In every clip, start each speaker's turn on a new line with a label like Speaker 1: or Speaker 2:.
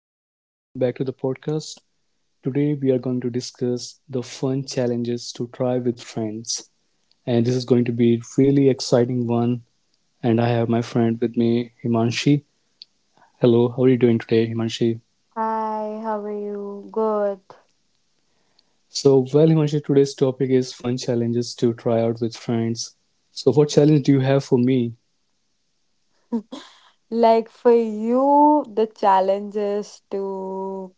Speaker 1: and welcome back to the podcast. Today, we are going to discuss the fun challenges to try with friends, and this is going to be a really exciting one. And I have my friend with me, Himanshi. Hello, how are you doing today, Himanshi?
Speaker 2: Hi, how are you? Good.
Speaker 1: Himanshi, today's topic is fun challenges to try out with friends. So, what challenge do you have for me?
Speaker 2: Like for you, the challenge is to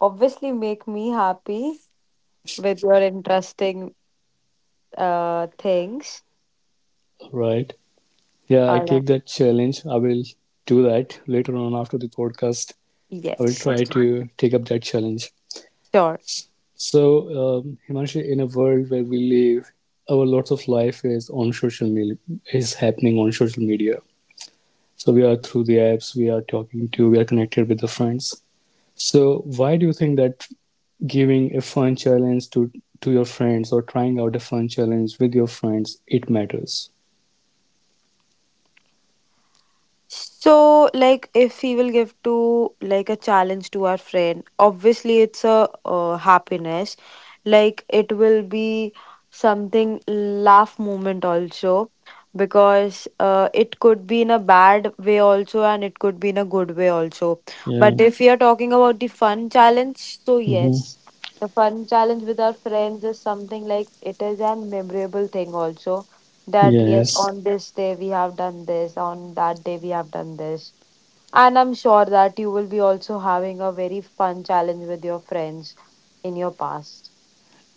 Speaker 2: obviously make me happy with your interesting things.
Speaker 1: Right? Yeah, I
Speaker 2: All right.
Speaker 1: take that challenge. I will do that later on after the podcast. I will
Speaker 2: Yes.
Speaker 1: try to take up that challenge.
Speaker 2: Sure.
Speaker 1: So, Himanshi, in a world where we live, our lots of life is on social media, is happening on social media. So we are through the apps, we are connected with the friends. So why do you think that giving a fun challenge to your friends or trying out a fun challenge with your friends it matters?
Speaker 2: So, like, if he will give to like a challenge to our friend, obviously it's a happiness. Like, it will be something laugh moment also, because it could be in a bad way also, and it could be in a good way also. But
Speaker 1: Yeah.
Speaker 2: if we are talking about the fun challenge, so
Speaker 1: hmm
Speaker 2: yes, the fun challenge with our friends is something like it is an memorable thing also that yes. Mhm.
Speaker 1: Yes.
Speaker 2: On this day we have done this, on that day we have done this, and I'm sure that you will be also having a very fun challenge with your friends in your past.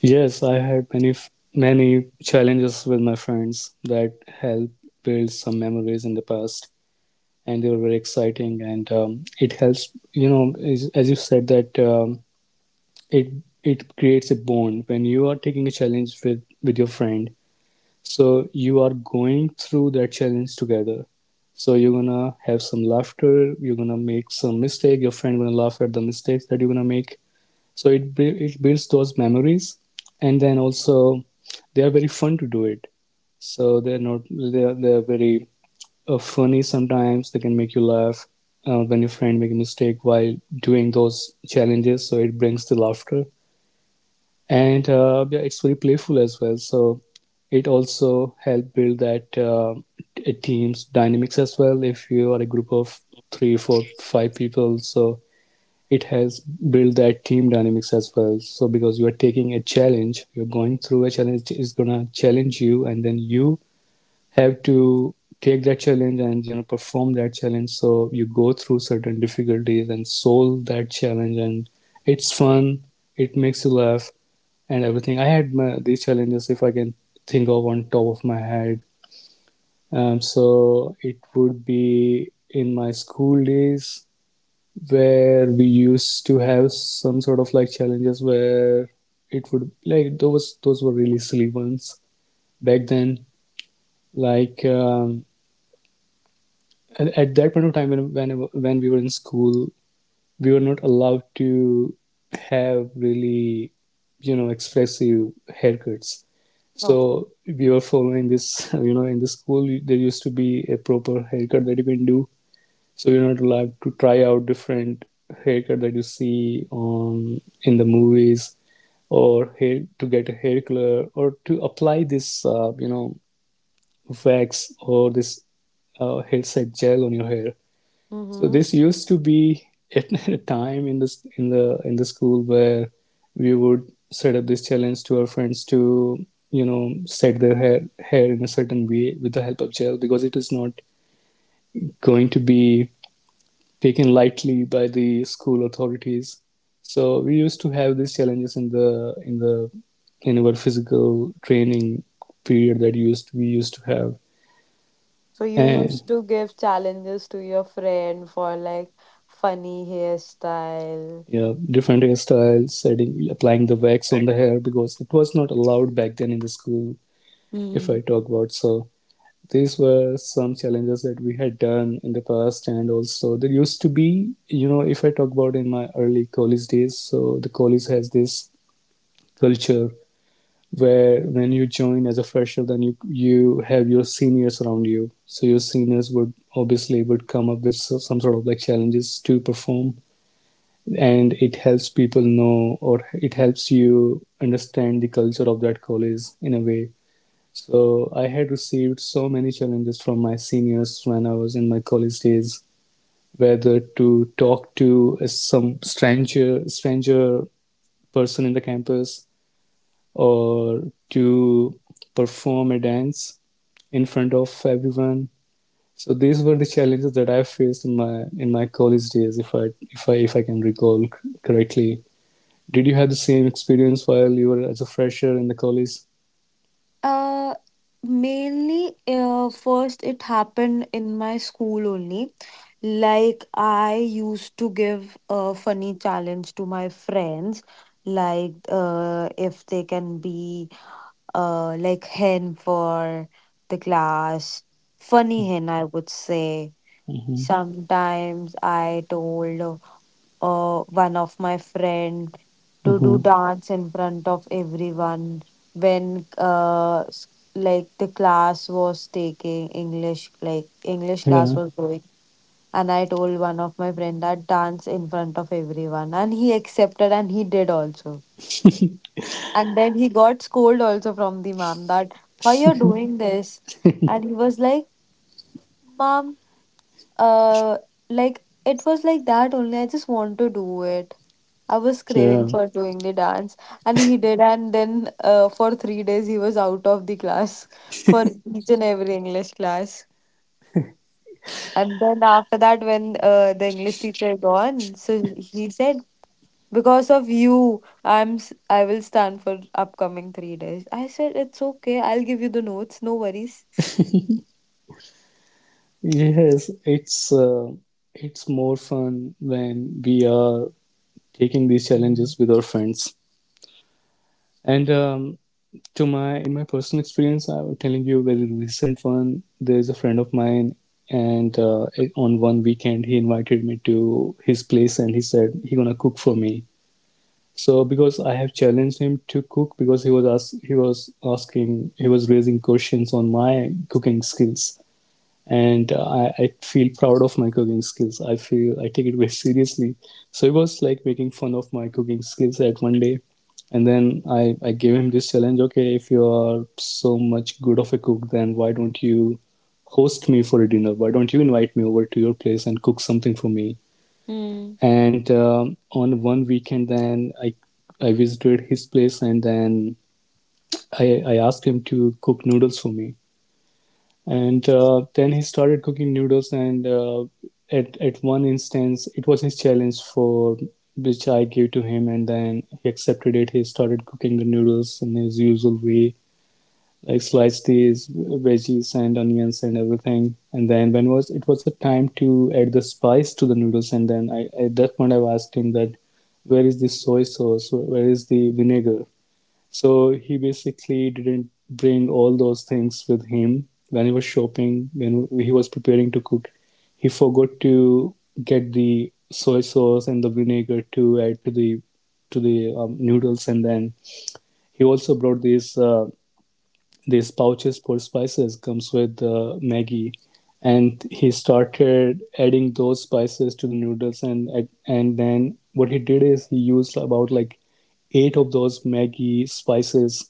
Speaker 1: Yes, I had many challenges with my friends that help build some memories in the past. And they were very exciting. And it helps, you know, as you said that it it creates a bond when you are taking a challenge with your friend. So you are going through that challenge together. So you're gonna have some laughter. You're gonna make some mistake. Your friend gonna laugh at the mistakes that you're gonna make. So it builds those memories, and then also they are very fun to do it. So they're not they are, they are very funny, sometimes they can make you laugh when your friend make a mistake while doing those challenges, so it brings the laughter. And yeah, it's very playful as well, so it also help build that team's dynamics as well. If you are a group of three, four, five people, so it has build that team dynamics as well. So because you are taking a challenge, you're going through a challenge, it's gonna challenge you and then you have to take that challenge and, you know, perform that challenge, so you go through certain difficulties and solve that challenge, and it's fun, it makes you laugh and everything. I had my, these challenges, if I can think of on top of my head, so it would be in my school days where we used to have some sort of like challenges where it would like those were really silly ones back then, like at that point of time when we were in school, we were not allowed to have really, you know, expressive haircuts. So
Speaker 2: Okay.
Speaker 1: we were following this you know, in the school there used to be a proper haircut that you can do. So you're not allowed to try out different haircut that you see on in the movies or hair to get a hair color or to apply this you know, wax or this hair set gel on your hair. So
Speaker 2: Mm-hmm.
Speaker 1: this used to be at a time in this in the school where we would set up this challenge to our friends to, you know, set their hair hair in a certain way with the help of gel, because it is not going to be taken lightly by the school authorities. So we used to have these challenges in the in the in our physical training period that used we used to have.
Speaker 2: So you used
Speaker 1: And
Speaker 2: to give challenges to your friend for like funny hairstyle.
Speaker 1: yeah, different hairstyles, setting, applying the wax on the hair, because it was not allowed back then in the school, if I talk about. So these were some challenges that we had done in the past, and also there used to be, you know, if I talk about in my early college days, so the college has this culture where when you join as a fresher, then you have your seniors around you. So your seniors would obviously would come up with some sort of like challenges to perform, and it helps people know, or it helps you understand the culture of that college in a way. So I had received so many challenges from my seniors when I was in my college days, whether to talk to some stranger stranger person in the campus or to perform a dance in front of everyone. So these were the challenges that I faced in my college days, if I can recall correctly. Did you have the same experience while you were as a fresher in the college?
Speaker 2: Uh, Mainly, first it happened in my school only. Like I used to give a funny challenge to my friends, like if they can be like hen for the class, funny hen I would say.
Speaker 1: Mm-hmm.
Speaker 2: Sometimes I told one of my friend to do
Speaker 1: Mm-hmm.
Speaker 2: dance in front of everyone when like the class was taking english, like english class
Speaker 1: Yeah.
Speaker 2: was going, and I told one of my friend that dance in front of everyone, and he accepted and he did also. And then he got scold also from the mom that why you're doing this. And he was like, mom, uh, like it was like that only. I just want to do it. I was craving
Speaker 1: Yeah.
Speaker 2: for doing the dance, and he did. And then, for 3 days, he was out of the class for each and every English class. And then after that, when the English teacher gone, so he said, "Because of you, I will stand for upcoming 3 days." I said, "It's okay. I'll give you the notes. No worries."
Speaker 1: Yes, it's more fun when we are taking these challenges with our friends. And to my in my personal experience, I was telling you a very recent one. There's a friend of mine, and on one weekend he invited me to his place, and he said he gonna cook for me. So because I have challenged him to cook, because he was asking, he was raising questions on my cooking skills, and I feel proud of my cooking skills. I feel I take it very seriously. So he was like making fun of my cooking skills at one day, and then I gave him this challenge, okay, if you are so much good of a cook, then why don't you host me for a dinner, why don't you invite me over to your place and cook something for me.
Speaker 2: Hmm.
Speaker 1: And on one weekend, then I visited his place, and then I asked him to cook noodles for me. And then he started cooking noodles, and at one instance, it was his challenge for which I gave to him, and then he accepted it. He started cooking the noodles in his usual way, like sliced these veggies and onions and everything, and then when was it was a time to add the spice to the noodles, and then at that point I asked him that where is the soy sauce, where is the vinegar. So he basically didn't bring all those things with him when he was shopping, when he was preparing to cook, he forgot to get the soy sauce and the vinegar to add to the noodles. And then he also brought these pouches for spices comes with Maggie, and he started adding those spices to the noodles, and then what he did is he used about like eight of those Maggie spices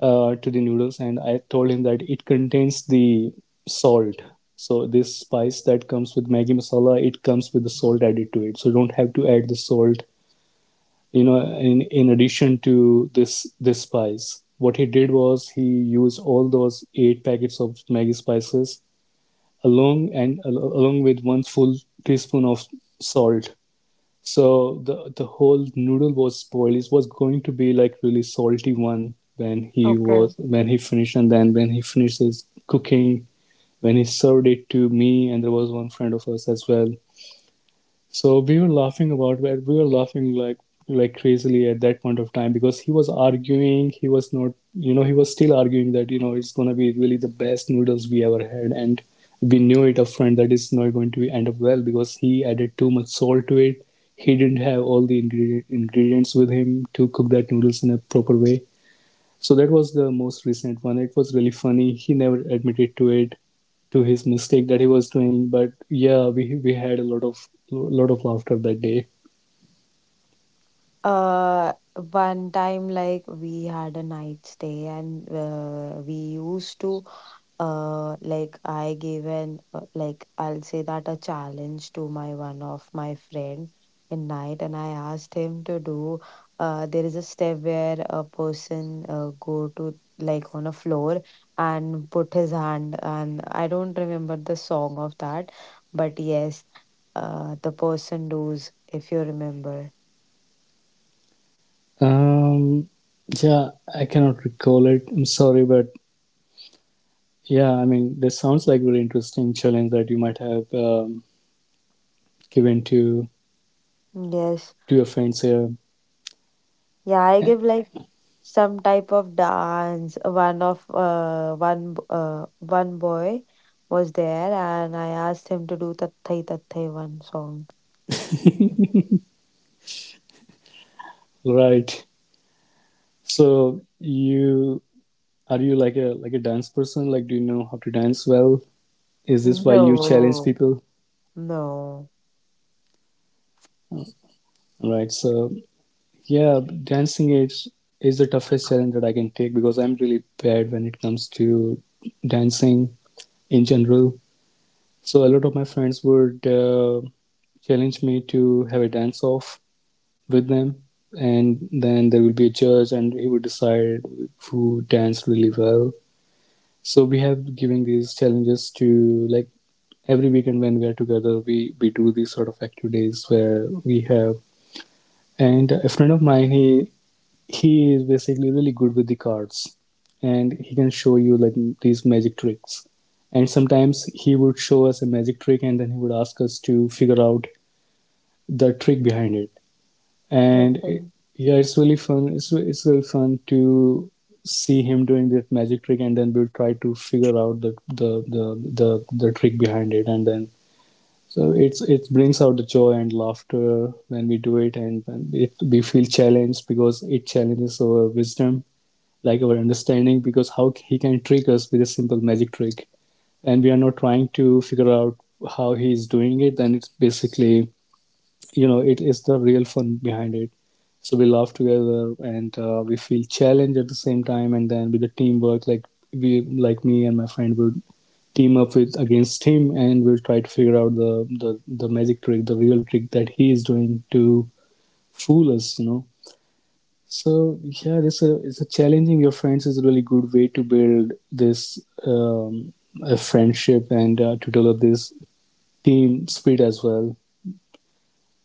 Speaker 1: to the noodles, and I told him that it contains the salt. So this spice that comes with Maggie masala, it comes with the salt added to it. So you don't have to add the salt, you know, in addition to this spice. What he did was he used all those eight packets of Maggi spices along, and along with one full teaspoon of salt. So the whole noodle was spoiled, it was going to be like really salty one, when
Speaker 2: Okay.
Speaker 1: he finished, and then when he finished his cooking, when he served it to me, and there was one friend of us as well, so we were laughing about it. We were laughing like crazily at that point of time because he was arguing. He was not, you know, he was still arguing that, you know, it's gonna be really the best noodles we ever had, and we knew it upfront that it's not going to end up well because he added too much salt to it. He didn't have all the ingredients with him to cook that noodles in a proper way. So that was the most recent one. It was really funny. He never admitted to it, to his mistake that he was doing. But yeah, we had a lot of laughter that day.
Speaker 2: Uh, One time, like we had a night stay, and like I gave like I'll say that a challenge to my one of my friend in night, and I asked him to do. There is a step where a person go to like on a floor and put his hand, and I don't remember the song of that, but yes, the person does if you remember.
Speaker 1: Um, yeah, I cannot recall it. I'm sorry, but yeah, I mean, this sounds like a really interesting challenge that you might have given
Speaker 2: Yes.
Speaker 1: to your friends here.
Speaker 2: Yeah, I
Speaker 1: Eh,
Speaker 2: give like some type of dance. One of one boy was there, and I asked him to do Tatthai Tatthai one song.
Speaker 1: right? So you are you like a dance person? Like, do you know how to dance well? Is this why you challenge
Speaker 2: No,
Speaker 1: people?
Speaker 2: no.
Speaker 1: Right. So yeah, dancing is the toughest challenge that I can take because I'm really bad when it comes to dancing in general. So a lot of my friends would challenge me to have a dance off with them, and then there will be a judge, and he would decide who danced really well. So we have giving these challenges to, like, every weekend when we are together, we do these sort of activities where we have. And a friend of mine, he is basically really good with the cards, and he can show you like these magic tricks, and sometimes he would show us a magic trick and then he would ask us to figure out the trick behind it.
Speaker 2: Okay.
Speaker 1: Yeah, it's really fun, it's really fun to see him doing that magic trick, and then we'll try to figure out the trick behind it, and then so it brings out the joy and laughter when we do it, and we feel challenged because it challenges our wisdom, like our understanding, because how he can trick us with a simple magic trick, and we are not trying to figure out how he is doing it, then it's basically it is the real fun behind it. So we laugh together, and we feel challenged at the same time, and then with the teamwork, like we like me and my friend would team up with against him, and we'll try to figure out the magic trick, the real trick that he is doing to fool us. So yeah, this is a challenging your friends is a really good way to build this um, a friendship, and to develop this team spirit as well.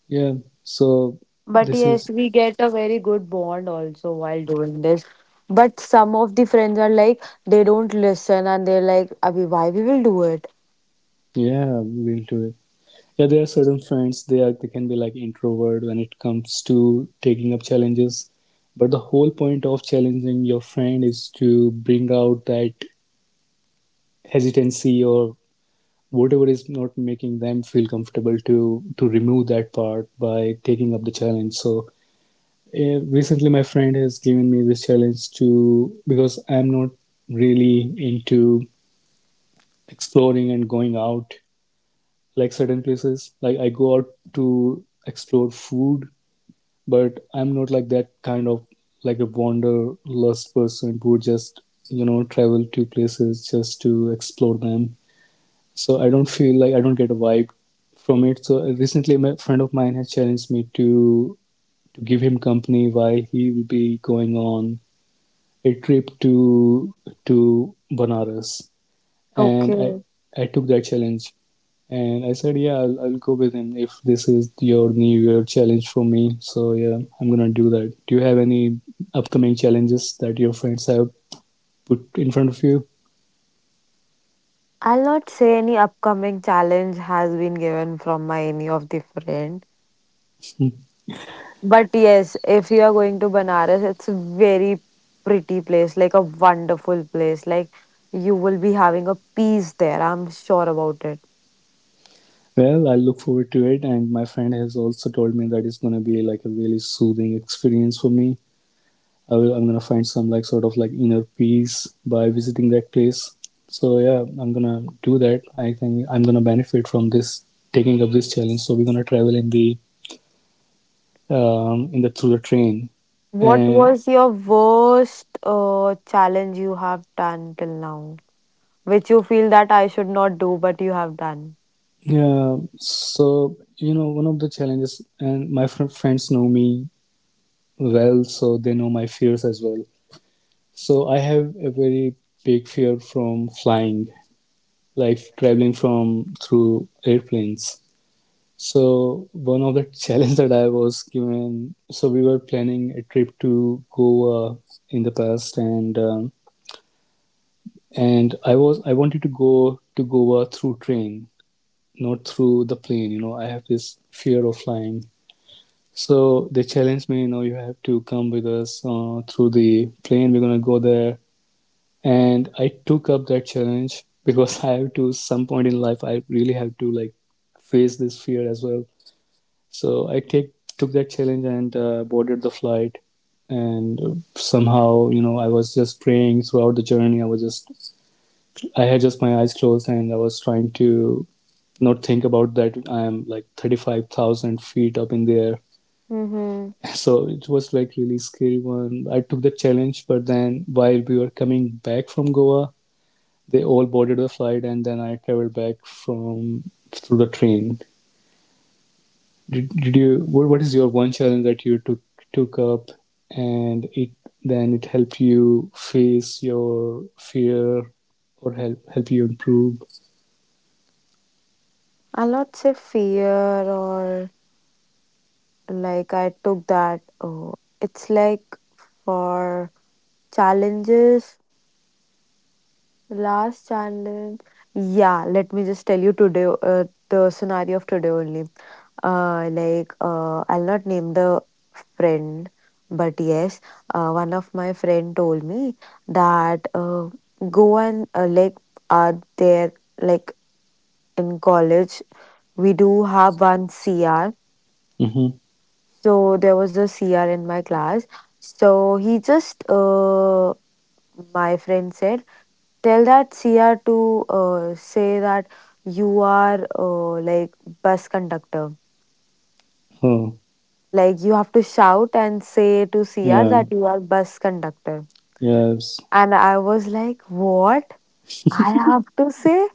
Speaker 1: Yeah. So
Speaker 2: But
Speaker 1: this
Speaker 2: yes,
Speaker 1: is
Speaker 2: we get a very good bond also while doing this. But some of the friends are like they don't listen and they're like, Abhi, why we will do it?
Speaker 1: Yeah, we'll do it. Yeah, there are certain friends, they can be like introvert when it comes to taking up challenges, but the whole point of challenging your friend is to bring out that hesitancy or whatever is not making them feel comfortable, to remove that part by taking up the challenge. So recently my friend has given me this challenge to, because I'm not really into exploring and going out, like certain places, like I go out to explore food, but I'm not like that kind of, like a wanderlust person who would just travel to places just to explore them, so I don't feel like, I don't get a vibe from it. So recently, my friend of mine has challenged me to give him company while he will be going on a trip to Banaras, and I
Speaker 2: Okay.
Speaker 1: I took that challenge, and I said, yeah, I'll go with him if this is your New Year challenge for me. So yeah, I'm gonna do that. Do you have any upcoming challenges that your friends have put in front of you?
Speaker 2: I'll not say any upcoming challenge has been given from my any of the friend.
Speaker 1: Hmm.
Speaker 2: But yes, if you are going to Banaras, it's a very pretty place, like a wonderful place. Like you will be having a peace there. I'm sure about it.
Speaker 1: Well, I look forward to it, and my friend has also told me that it's gonna be like a really soothing experience for me. I'm gonna find some like sort of like inner peace by visiting that place. So yeah, I'm gonna do that. I think I'm gonna benefit from this, taking up this challenge. So we're gonna travel in the through the train,
Speaker 2: What
Speaker 1: and
Speaker 2: was your worst challenge you have done till now, which you feel that I should not do, but you have done?
Speaker 1: yeah, so one of the challenges, and my friends know me well, so they know my fears as well. So I have a very big fear from flying, like traveling from through airplanes. So one of the challenge that I was given, so we were planning a trip to Goa in the past, and I wanted to go to Goa through train, not through the plane. You know, I have this fear of flying. So they challenged me, you have to come with us through the plane. We're gonna go there, and I took up that challenge because I have to, some point in life, I really have to like face this fear as well. So I take took that challenge, and boarded the flight, and somehow, I was just praying throughout the journey. I had just my eyes closed, and I was trying to not think about that I am like 35,000 feet up in the air.
Speaker 2: Mm-hmm.
Speaker 1: So it was like really scary one. I took the challenge, but then while we were coming back from Goa, they all boarded the flight, and then I traveled back from through the train. What is your one challenge that you took up, and it then it helped you face your fear, or help you improve?
Speaker 2: I'll not say fear or like I took that. Oh, it's like for challenges. Last challenge. Yeah, let me just tell you today the scenario of today only. I'll not name the friend, but yes, one of my friend told me that go and like are there like in college we do have one CR.
Speaker 1: Mm-hmm.
Speaker 2: So there was a CR in my class. So he just, my friend said, tell that CR to say that you are like bus conductor.
Speaker 1: Oh,
Speaker 2: Like you have to shout and say to CR
Speaker 1: yeah.
Speaker 2: that you are bus conductor.
Speaker 1: Yes.
Speaker 2: And I was like, what? I have to say?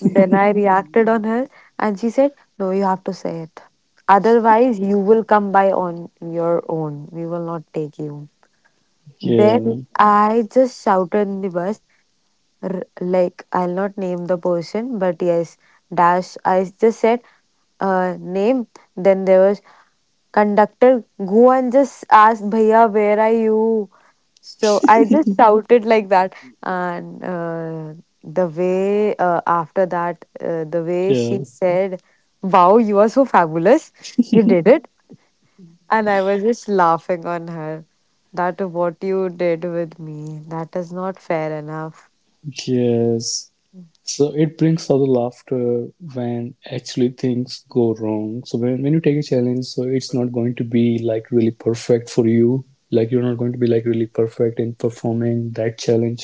Speaker 2: Then I reacted on her and she said, no, you have to say it. Otherwise, you will come by on your own. We will not take you. Then
Speaker 1: Yeah,
Speaker 2: I just shouted in the bus, like, I'll not name the person, but yes, dash. I just said, name. Then there was conductor, go and just ask, Bhaiya, where are you? So I just shouted like that. And the way after that, the way
Speaker 1: yeah,
Speaker 2: she said, wow, you are so fabulous. You did it. And I was just laughing on her. That what you did with me. That is not fair enough.
Speaker 1: yes. So it brings out the laughter when actually things go wrong. So when you take a challenge, so it's not going to be like really perfect for you. Like you're not going to be like really perfect in performing that challenge.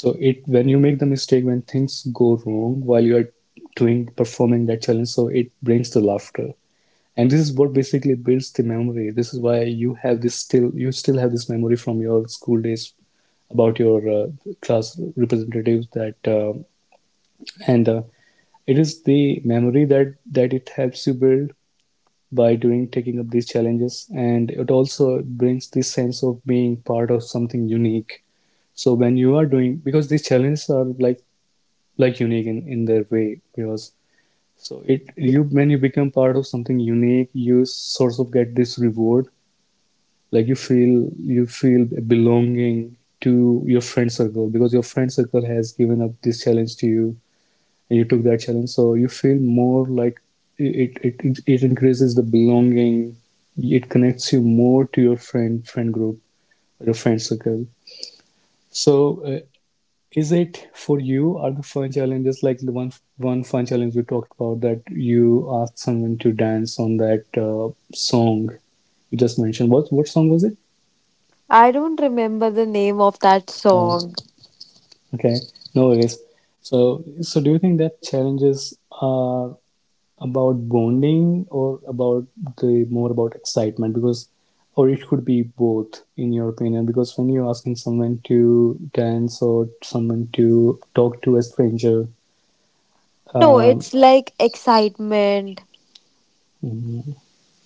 Speaker 1: So it when you make the mistake, when things go wrong while you're doing performing that challenge, so it brings the laughter. And this is what basically builds the memory. This is why you still have this memory from your school days about your class representatives, that and it is the memory that it helps you build by doing taking up these challenges, and it also brings this sense of being part of something unique. So when you are doing, because these challenges are like unique in their way, because so it you when you become part of something unique, you sort of get this reward. Like you feel belonging to your friend circle because your friend circle has given up this challenge to you, and you took that challenge, so you feel more like it increases the belonging, it connects you more to your friend group, your friend circle. So is it for you are the fun challenges, like the one fun challenge you talked about that you asked someone to dance on that song you just mentioned? What song was it?
Speaker 2: I don't remember the name of that
Speaker 1: Oh,
Speaker 2: song.
Speaker 1: okay, no worries. So do you think that challenges are about bonding or about the more about excitement, because, or it could be both in your opinion, because when you're asking someone to dance or someone to talk to a stranger,
Speaker 2: No,
Speaker 1: um,
Speaker 2: it's like excitement,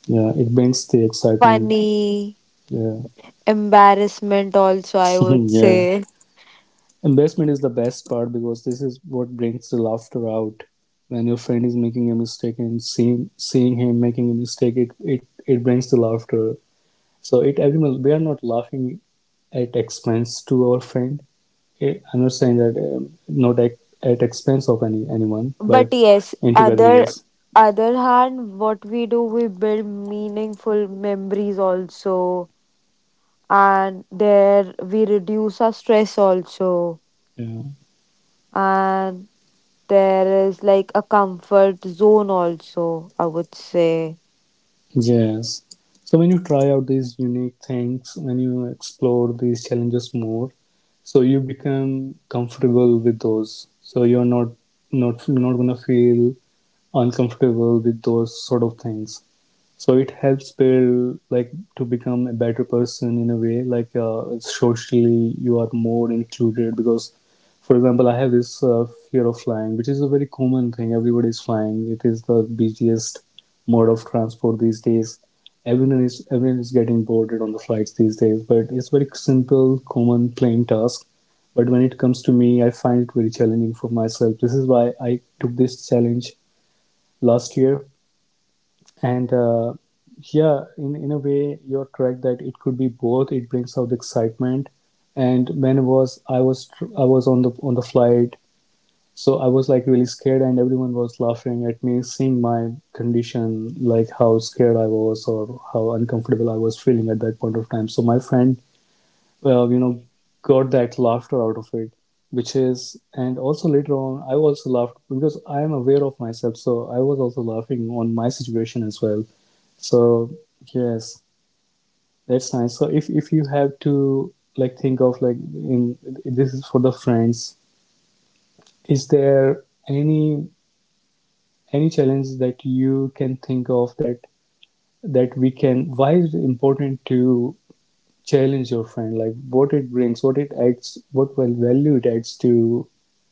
Speaker 1: yeah, it brings the excitement.
Speaker 2: funny,
Speaker 1: Yeah.
Speaker 2: embarrassment also I would
Speaker 1: Yeah.
Speaker 2: say.
Speaker 1: Investment is the best part because this is what brings the laughter out when your friend is making a mistake, and seeing him making a mistake, it brings the laughter. So it everyone, we are not laughing at expense to our friend. I'm not saying that, not at, expense of anyone, but
Speaker 2: But yes,
Speaker 1: in together, yes.
Speaker 2: other other hand what we do we build meaningful memories also, and there we reduce our stress also,
Speaker 1: Yeah,
Speaker 2: and there is like a comfort zone also, I would say.
Speaker 1: yes. So when you try out these unique things, when you explore these challenges more, so you become comfortable with those. So you're not gonna feel uncomfortable with those sort of things. So it helps build like to become a better person in a way. Like socially, you are more included because, for example, I have this fear of flying, which is a very common thing. Everybody is flying. It is the busiest mode of transport these days. Everyone is getting boarded on the flights these days. But it's very simple, common, plain task. But when it comes to me, I find it very challenging for myself. This is why I took this challenge last year, and yeah, in a way, you're correct that it could be both. It brings out the excitement. And when it was I was tr- I was on the flight, so I was like really scared, and everyone was laughing at me, seeing my condition, like how scared I was or how uncomfortable I was feeling at that point of time. So my friend uh, you know, got that laughter out of it, which is, and also later on, I also laughed because I am aware of myself, so I was also laughing on my situation as well. So yes, that's nice. So if you have to like think of like in, this is for the friends, is there any any challenge that you can think of that we can? Why is it important to challenge your friend? Like what it brings, what it adds, what well value it adds to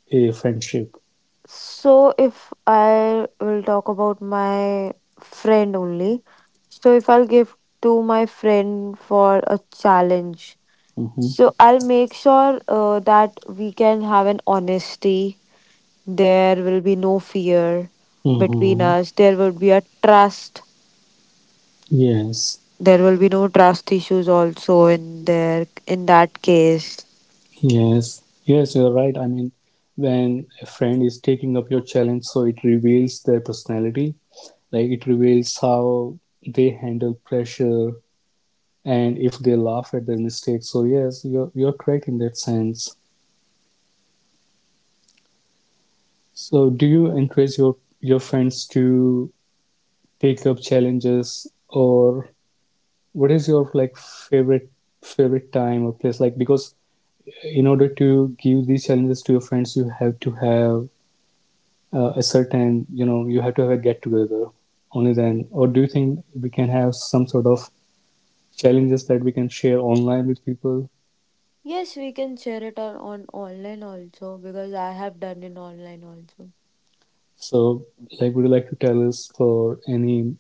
Speaker 1: a friendship.
Speaker 2: So if I will talk about my friend only, so if I'll give to my friend for a challenge,
Speaker 1: Hmm.
Speaker 2: so I'll make sure that we can have an honesty. There will be no fear between
Speaker 1: Hmm.
Speaker 2: us. There will be a trust.
Speaker 1: Yes,
Speaker 2: There will be no trust issues also in there in that case.
Speaker 1: yes, yes, you're right. I mean, when a friend is taking up your challenge, so it reveals their personality, like it reveals how they handle pressure and if they laugh at their mistakes. So, yes, you're correct in that sense. So, do you encourage your friends to take up challenges, or what is your, like, favorite time or place, like, because in order to give these challenges to your friends you have to have a certain, you have to have a get together only then, or do you think we can have some sort of challenges that we can share online with people?
Speaker 2: Yes, we can share it on online also because I have done it online also.
Speaker 1: So, like, would you like to tell us for any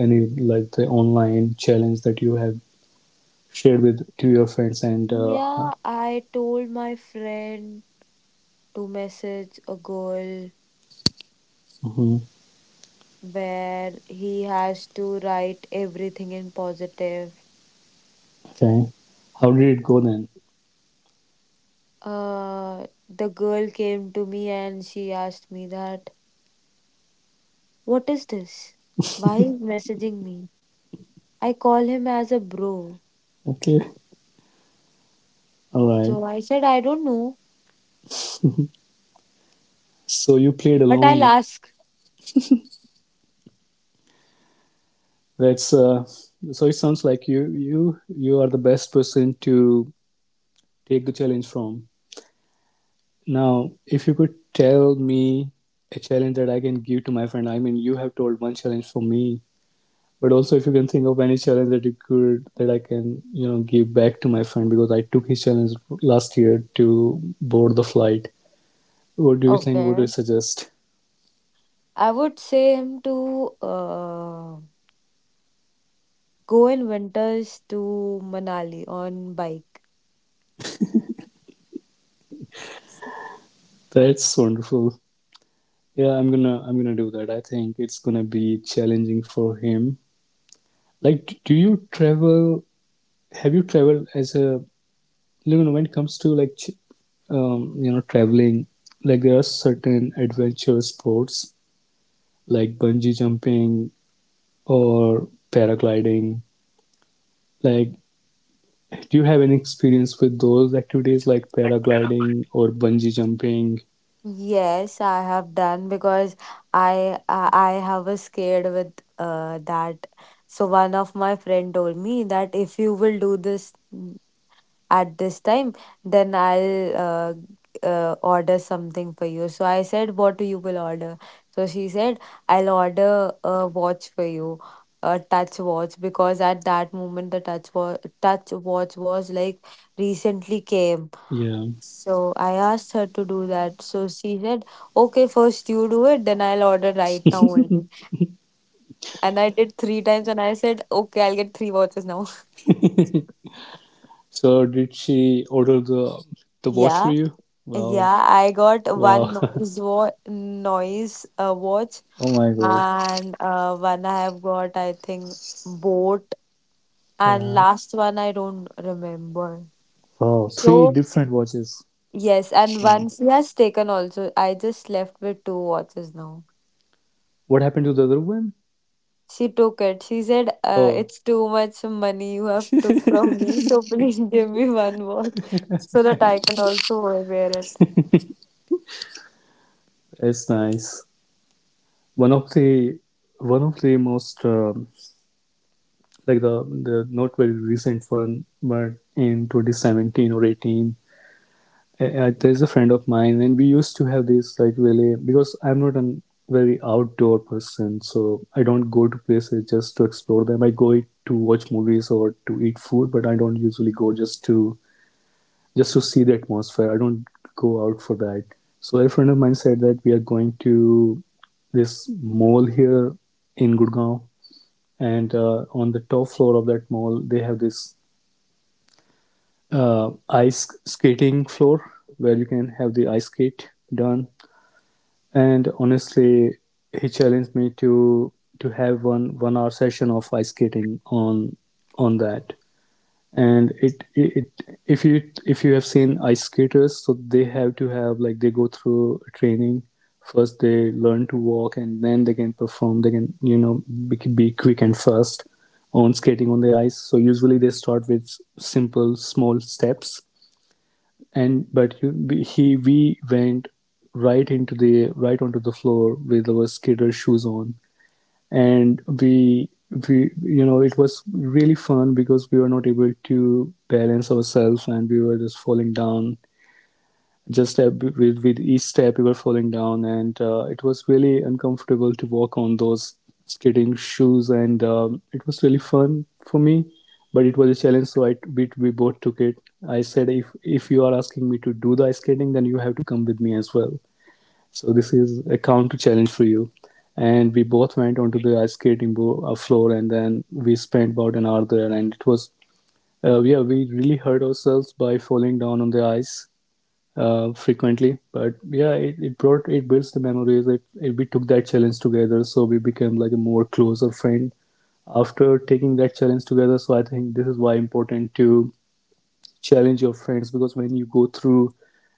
Speaker 1: any like, the online challenge that you have shared with to your friends and
Speaker 2: Mm, yeah, I told my friend to message a girl
Speaker 1: mhm,
Speaker 2: where he has to write everything in positive.
Speaker 1: okay, how did it go then?
Speaker 2: The girl came to me and she asked me that, what is this? Why is messaging me? I call him as a bro.
Speaker 1: Okay. All right.
Speaker 2: So I said, I don't know,
Speaker 1: So you played
Speaker 2: but I'll
Speaker 1: along.
Speaker 2: ask.
Speaker 1: That's So. It sounds like you are the best person to take the challenge from. Now, if you could tell me a challenge that I can give to my friend, I mean, you have told one challenge for me, but also if you can think of any challenge that I can, give back to my friend, because I took his challenge last year to board the flight. What do you think? What do
Speaker 2: Okay.
Speaker 1: you suggest?
Speaker 2: I would say him to go in winters to Manali on bike.
Speaker 1: That's wonderful. Yeah, I'm gonna do that. I think it's gonna be challenging for him. Like, do you travel have you traveled as a when it comes to, like, traveling, like, there are certain adventure sports like bungee jumping or paragliding. Like, do you have any experience with those activities like paragliding or bungee jumping?
Speaker 2: Yes, I have done because I have a scared with that. So one of my friend told me that if you will do this at this time then I'll order something for you. So I said what you will order. So she said I'll order a watch for you, a touch watch, because at that moment the touch watch was like recently came.
Speaker 1: Yeah.
Speaker 2: So I asked her to do that. So she said okay, first you do it then I'll order right now only. And I did three times and I said okay, I'll get three watches now.
Speaker 1: So did she order the the watch
Speaker 2: Yeah.
Speaker 1: for you? Wow.
Speaker 2: Yeah, I got one
Speaker 1: Wow.
Speaker 2: noise watch,
Speaker 1: Oh my god.
Speaker 2: and one I have got I think boat, and
Speaker 1: Yeah.
Speaker 2: last one I don't remember.
Speaker 1: Wow,
Speaker 2: So
Speaker 1: three different watches.
Speaker 2: yes, and
Speaker 1: Wow,
Speaker 2: one she has taken also. I just left with two watches now.
Speaker 1: what happened to the other one?
Speaker 2: She took it. She said,
Speaker 1: Oh,
Speaker 2: it's too much money you have took from me, so please give me one watch so that I can also wear it.
Speaker 1: it's nice. One of the one of the most, like, the not very recent one, but in 2017 or 18. There's a friend of mine, and we used to have this, like, really, because I'm not a very outdoor person, so I don't go to places just to explore them. I go to watch movies or to eat food, but I don't usually go just to, just to see the atmosphere. I don't go out for that. So a friend of mine said that we are going to this mall here in Gurgaon, and on the top floor of that mall they have this ice skating floor where you can have the ice skate done. And honestly, he challenged me to have one hour session of ice skating on that. And it, if you, have seen ice skaters, so they have to have, like, they go through training. First they learn to walk, and then they can perform, they can, be quick and fast on skating on the ice. So usually they start with simple small steps, and but you, he we went right onto the floor with our skater shoes on. And we you know it was really fun because we were not able to balance ourselves, and we were just falling down. Just with each step we were falling down, and it was really uncomfortable to walk on those skating shoes. And it was really fun for me, but it was a challenge. So we both took it. I said, if, you are asking me to do the ice skating, then you have to come with me as well. So this is a counter challenge for you. And we both went onto the ice skating floor, and then we spent about an hour there. And it was, yeah, we really hurt ourselves by falling down on the ice frequently. But yeah, it builds the memories. It we took that challenge together, so we became, like, a more closer friend after taking that challenge together. So I think this is why important to challenge your friends, because when you go through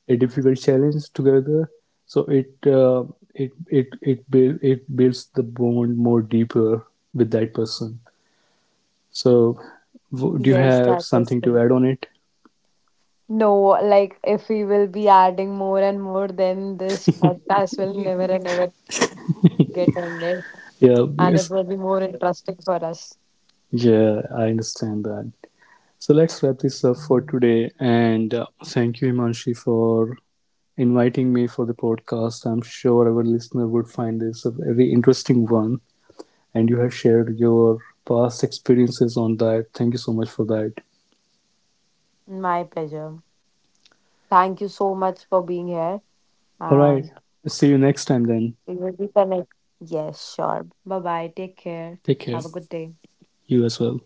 Speaker 1: a difficult challenge together, so it builds the bond more deeper with that person. So, do you
Speaker 2: Yes,
Speaker 1: have
Speaker 2: that is
Speaker 1: something to
Speaker 2: correct.
Speaker 1: add on it?
Speaker 2: No, like if we will be adding more and more, then this podcast will never and ever get ended. And it will be
Speaker 1: Yeah.
Speaker 2: more
Speaker 1: Yes.
Speaker 2: interesting for us.
Speaker 1: Yeah, I understand that. So let's wrap this up for today, and thank you, Himanshi, for inviting me for the podcast. I'm sure our listener would find this a very interesting one, and you have shared your past experiences on that. Thank you so much for that.
Speaker 2: My pleasure. Thank you so much for being here. And
Speaker 1: All right. See you
Speaker 2: we
Speaker 1: next
Speaker 2: will be
Speaker 1: time then.
Speaker 2: connected. Yes, sure. Bye bye. Take care. Have a good
Speaker 1: Take
Speaker 2: day.
Speaker 1: care. You as well.